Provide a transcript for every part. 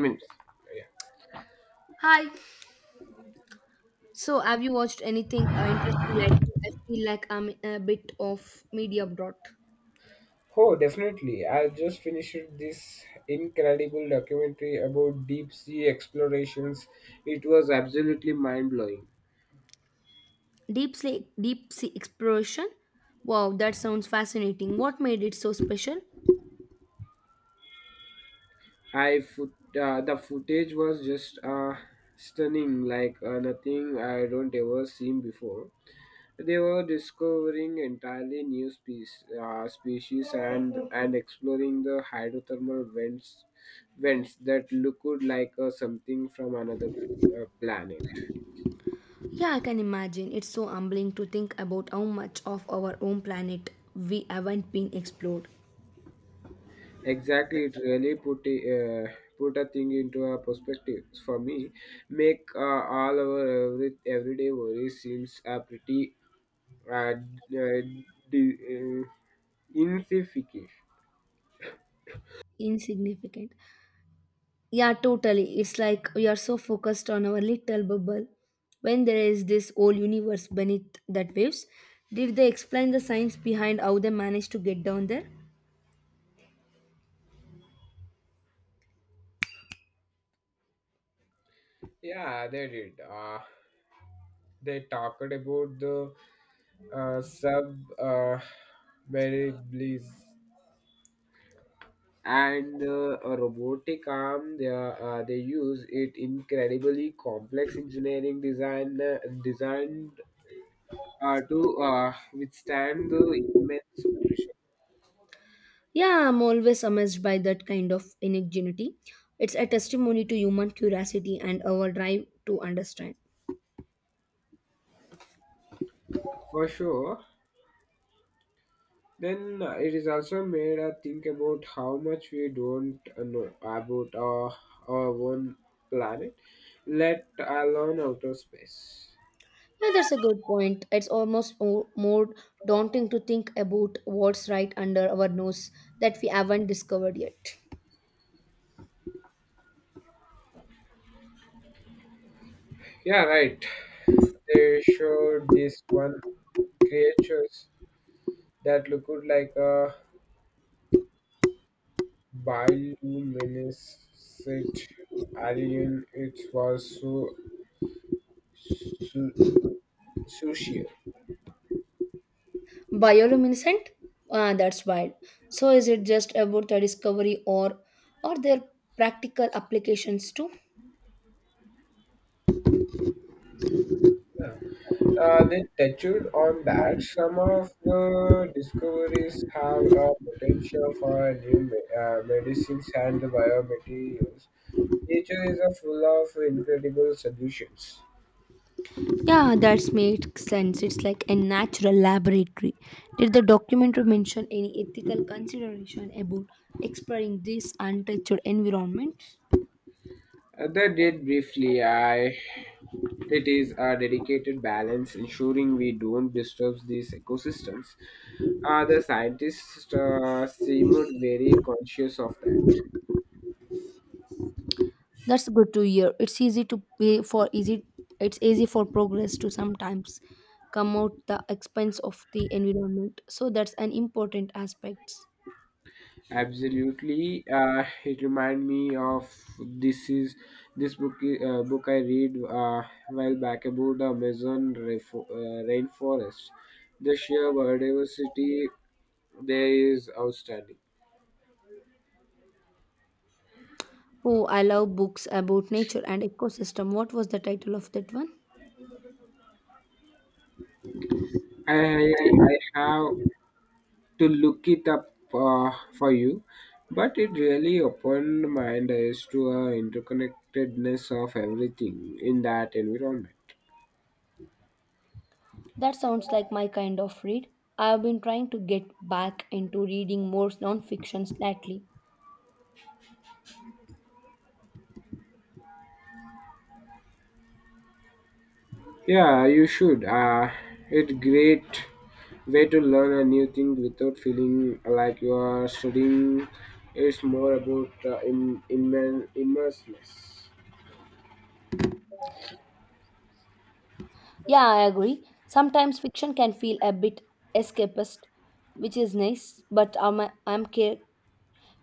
Minutes. Hi. So, have you watched anything interesting lately? I feel like I'm a bit of media dot. Oh, definitely. I just finished this incredible documentary about deep sea explorations. It was absolutely mind blowing. Deep sea exploration. Wow, that sounds fascinating. What made it so special? I foot, the footage was just stunning, like nothing I don't ever seen before. They were discovering entirely new species, and exploring the hydrothermal vents that looked like something from another planet. Yeah, I can imagine. It's so humbling to think about how much of our own planet we haven't been explored. Exactly, it really put a thing into a perspective for me. Make All our everyday worries seems a pretty uh, d- uh, d- uh, insignificant. Insignificant. Yeah, totally. It's like we are so focused on our little bubble when there is this whole universe beneath that waves. Did they explain the science behind how they managed to get down there? Yeah, they did. They talked about the sub variables and a robotic arm. They are, they use it incredibly complex engineering designed to withstand the immense pressure. Yeah, I'm always amazed by that kind of ingenuity. It's a testimony to human curiosity and our drive to understand. For sure. Then it is also made us think about how much we don't know about our own planet, let alone outer space. Yeah, that's a good point. It's almost more daunting to think about what's right under our nose that we haven't discovered yet. Yeah, right. They showed this one creatures that looked like a bioluminescent alien. It was so su- sushi. Bioluminescent, ah, that's wild. So is it just about the discovery or their practical applications too? They touched on that. Some of the discoveries have a potential for new medicines and biomaterials. Nature is a full of incredible solutions. Yeah, that makes sense. It's like a natural laboratory. Did the documentary mention any ethical consideration about exploring this untouched environment? They did briefly. It is a dedicated balance, ensuring we don't disturb these ecosystems. The scientists seemed very conscious of that. That's good to hear. It's easy to pay for easy it's easy for progress to sometimes come out the expense of the environment, so that's an important aspect. Absolutely, it reminded me of this is this book I read while back about the Amazon rainforest. The sheer biodiversity there is outstanding. Oh, I love books about nature and ecosystem. What was the title of that one? I have to look it up for you, but it really opened my eyes to a interconnectedness of everything in that environment. That sounds like my kind of read. I have been trying to get back into reading more non-fiction lately. Yeah, you should. It's great way to learn a new thing without feeling like you are studying. It's more about immersiveness. Yeah, I agree. Sometimes fiction can feel a bit escapist, which is nice, but I'm ca-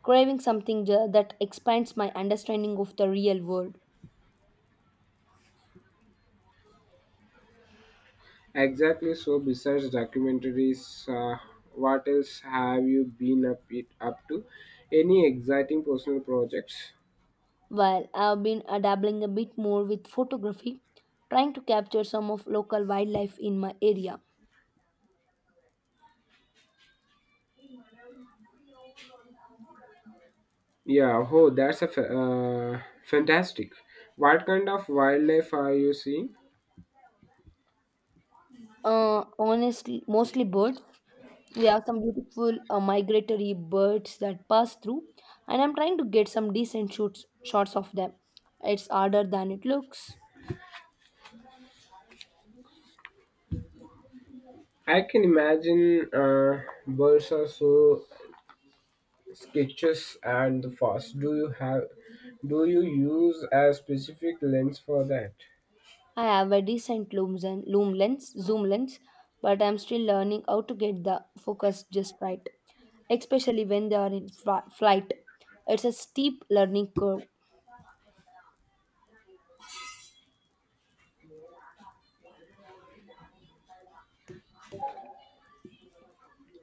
craving something that expands my understanding of the real world. Exactly. So, besides documentaries, what else have you been up it up to? Any exciting personal projects? While I've been dabbling a bit more with photography, trying to capture some of local wildlife in my area. Yeah. Oh, that's a fantastic. What kind of wildlife are you seeing? Honestly, mostly birds. We have some beautiful migratory birds that pass through, and I'm trying to get some decent shots of them. It's harder than it looks. I can imagine birds are so sketches and the fast do you have do you use a specific lens for that? I have a decent loom, zen, loom lens, zoom lens, but I'm still learning how to get the focus just right, especially when they are in flight. It's a steep learning curve.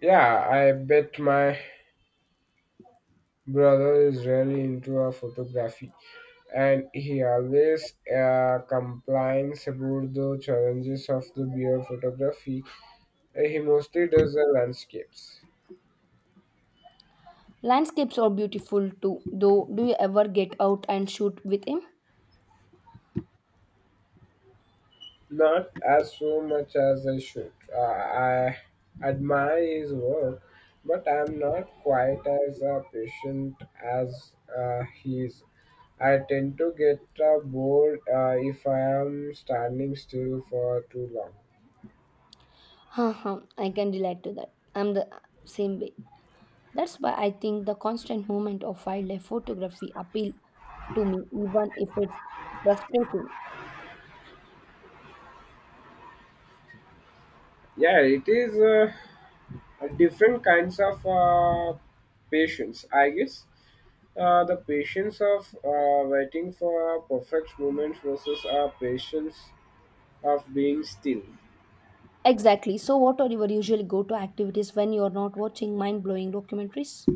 Yeah, I bet my brother is really into photography, and he always complains about the challenges of the beer photography. He mostly does the landscapes. Landscapes are beautiful too, though. Do you ever get out and shoot with him? Not as so much as I should. I admire his work, but I'm not quite as patient as he is. I tend to get bored if I am standing still for too long. Haha, I can relate to that. I'm the same way. That's why I think the constant movement of wildlife photography appeal to me, even if it's frustrating. Yeah, it is different kinds of patience, I guess. The patience of waiting for a perfect moment versus our patience of being still. Exactly. So, what are your usually go-to activities when you're not watching mind-blowing documentaries?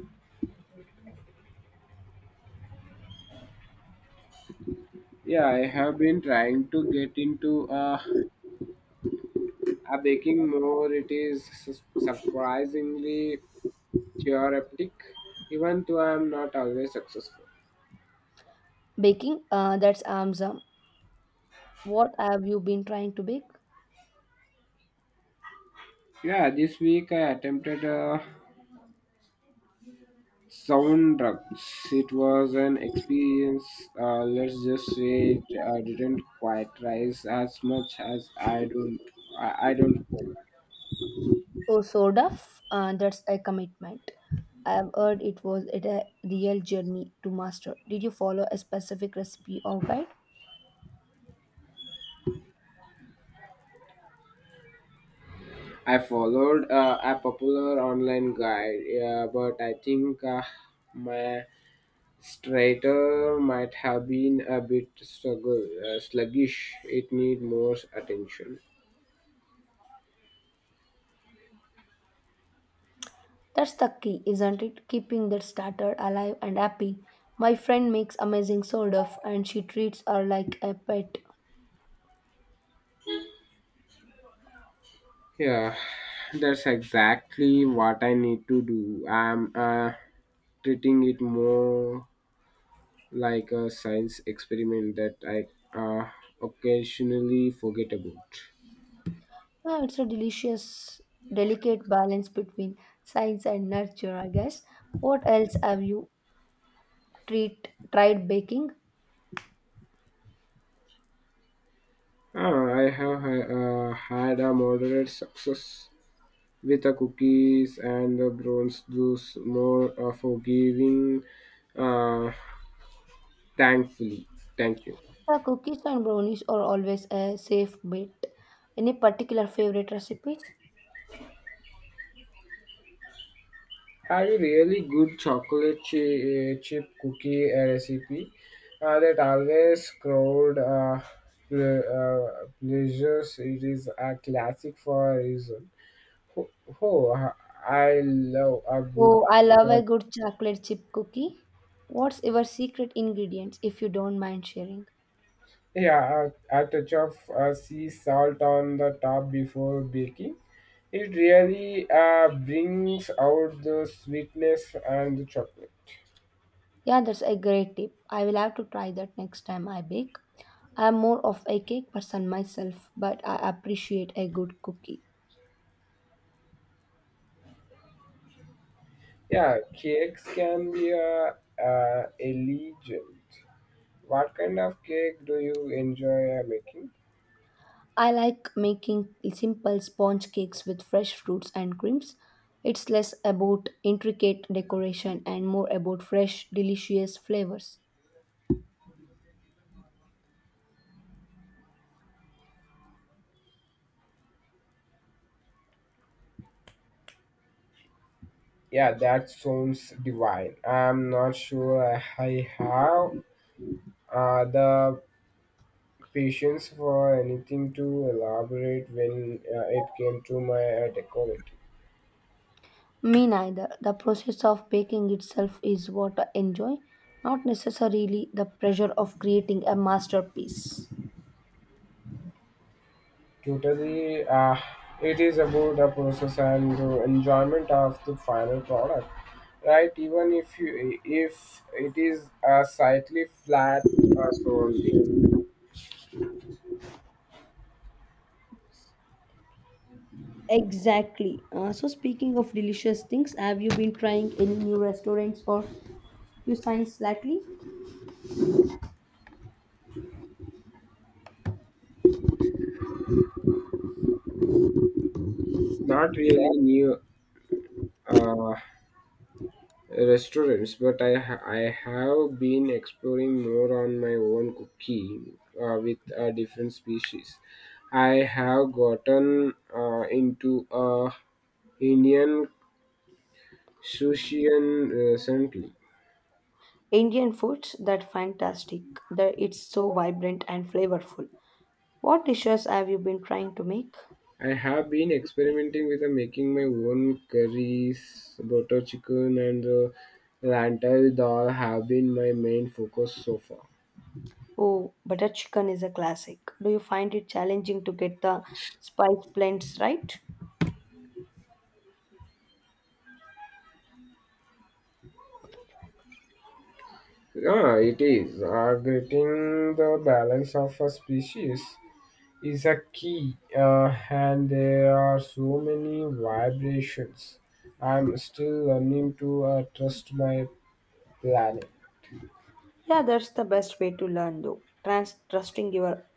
Yeah, I have been trying to get into a baking more. It is surprisingly therapeutic, even though I am not always successful. Baking. That's Amza. What have you been trying to bake? Yeah, this week I attempted a sound drugs. It was an experience. Let's just say it didn't quite rise as much as I don't. Hope. Oh, sort of. That's a commitment. I've heard it was it a real journey to master. Did you follow a specific recipe or guide? I followed a popular online guide, yeah, but I think my Strater might have been a bit struggle, sluggish. It need more attention. That's the key, isn't it? Keeping that starter alive and happy. My friend makes amazing sourdough and she treats her like a pet. Yeah, that's exactly what I need to do. I'm treating it more like a science experiment that I uh, occasionally forget about. Yeah, it's a delicious, delicate balance between science and nurture, I guess. What else have you tried baking? Ah, I have had a moderate success with the cookies and the bronze juice, more forgiving. Uh, Thankfully, thank you. The cookies and brownies are always a safe bet. Any particular favorite recipes? Had a really good chip cookie recipe that always crowd pleasures. It is a classic for a reason. Oh, oh, uh, I love a good Oh, I love a one. good chocolate chip cookie. What's your secret ingredients if you don't mind sharing? Yeah, a touch of sea salt on the top before baking. It really brings out the sweetness and the chocolate. Yeah, that's a great tip. I will have to try that next time I bake. I am more of a cake person myself, but I appreciate a good cookie. Yeah, cakes can be a legend. What kind of cake do you enjoy making? I like making simple sponge cakes with fresh fruits and creams. It's less about intricate decoration and more about fresh, delicious flavors. Yeah, that sounds divine. I'm not sure I have the patience for anything to elaborate when it came to my decorating. Me neither. The process of baking itself is what I enjoy, not necessarily the pressure of creating a masterpiece. Totally, it is about the process and the enjoyment of the final product, right? Even if you if it is a slightly flat so only, Exactly. So speaking of delicious things, have you been trying any new restaurants or cuisines lately? not really new uh, restaurants, but I have been exploring more on my own cooking with different species. I have gotten into Indian sushi and recently. Indian foods that fantastic. That it's so vibrant and flavorful. What dishes have you been trying to make? I have been experimenting with making my own curries, butter chicken, and the lentil dal have been my main focus so far. Oh, butter chicken is a classic. Do you find it challenging to get the spice blends right? Yeah, it is. Getting the balance of a species is a key, and there are so many vibrations. I'm still learning to trust my planet. Yeah, that's the best way to learn though. Trusting your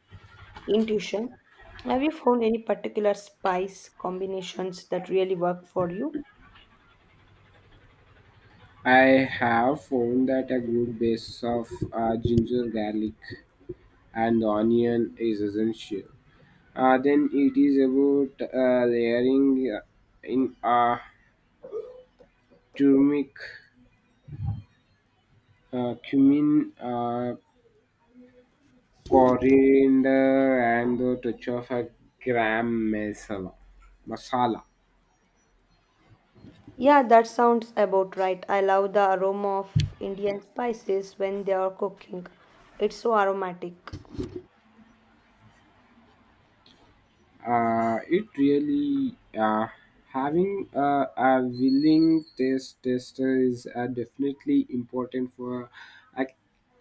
intuition. Have you found any particular spice combinations that really work for you? I have found that a good base of ginger garlic and the onion is essential. Then it is about layering in turmeric, cumin, coriander, and the touch of a gram masala. Masala. Yeah, that sounds about right. I love the aroma of Indian spices when they are cooking. It's so aromatic. Uh, it really having a willing taste tester is definitely important for a,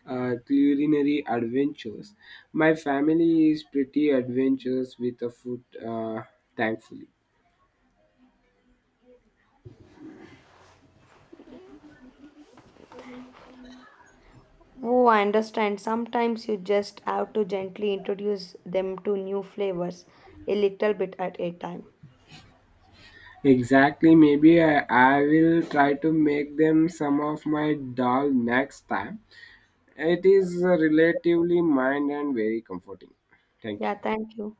culinary adventures. My family is pretty adventurous with the food, thankfully. Oh, I understand. Sometimes you just have to gently introduce them to new flavors, a little bit at a time. Exactly. Maybe I will try to make them some of my dal next time. It is relatively mild and very comforting. Thank you. Yeah, thank you.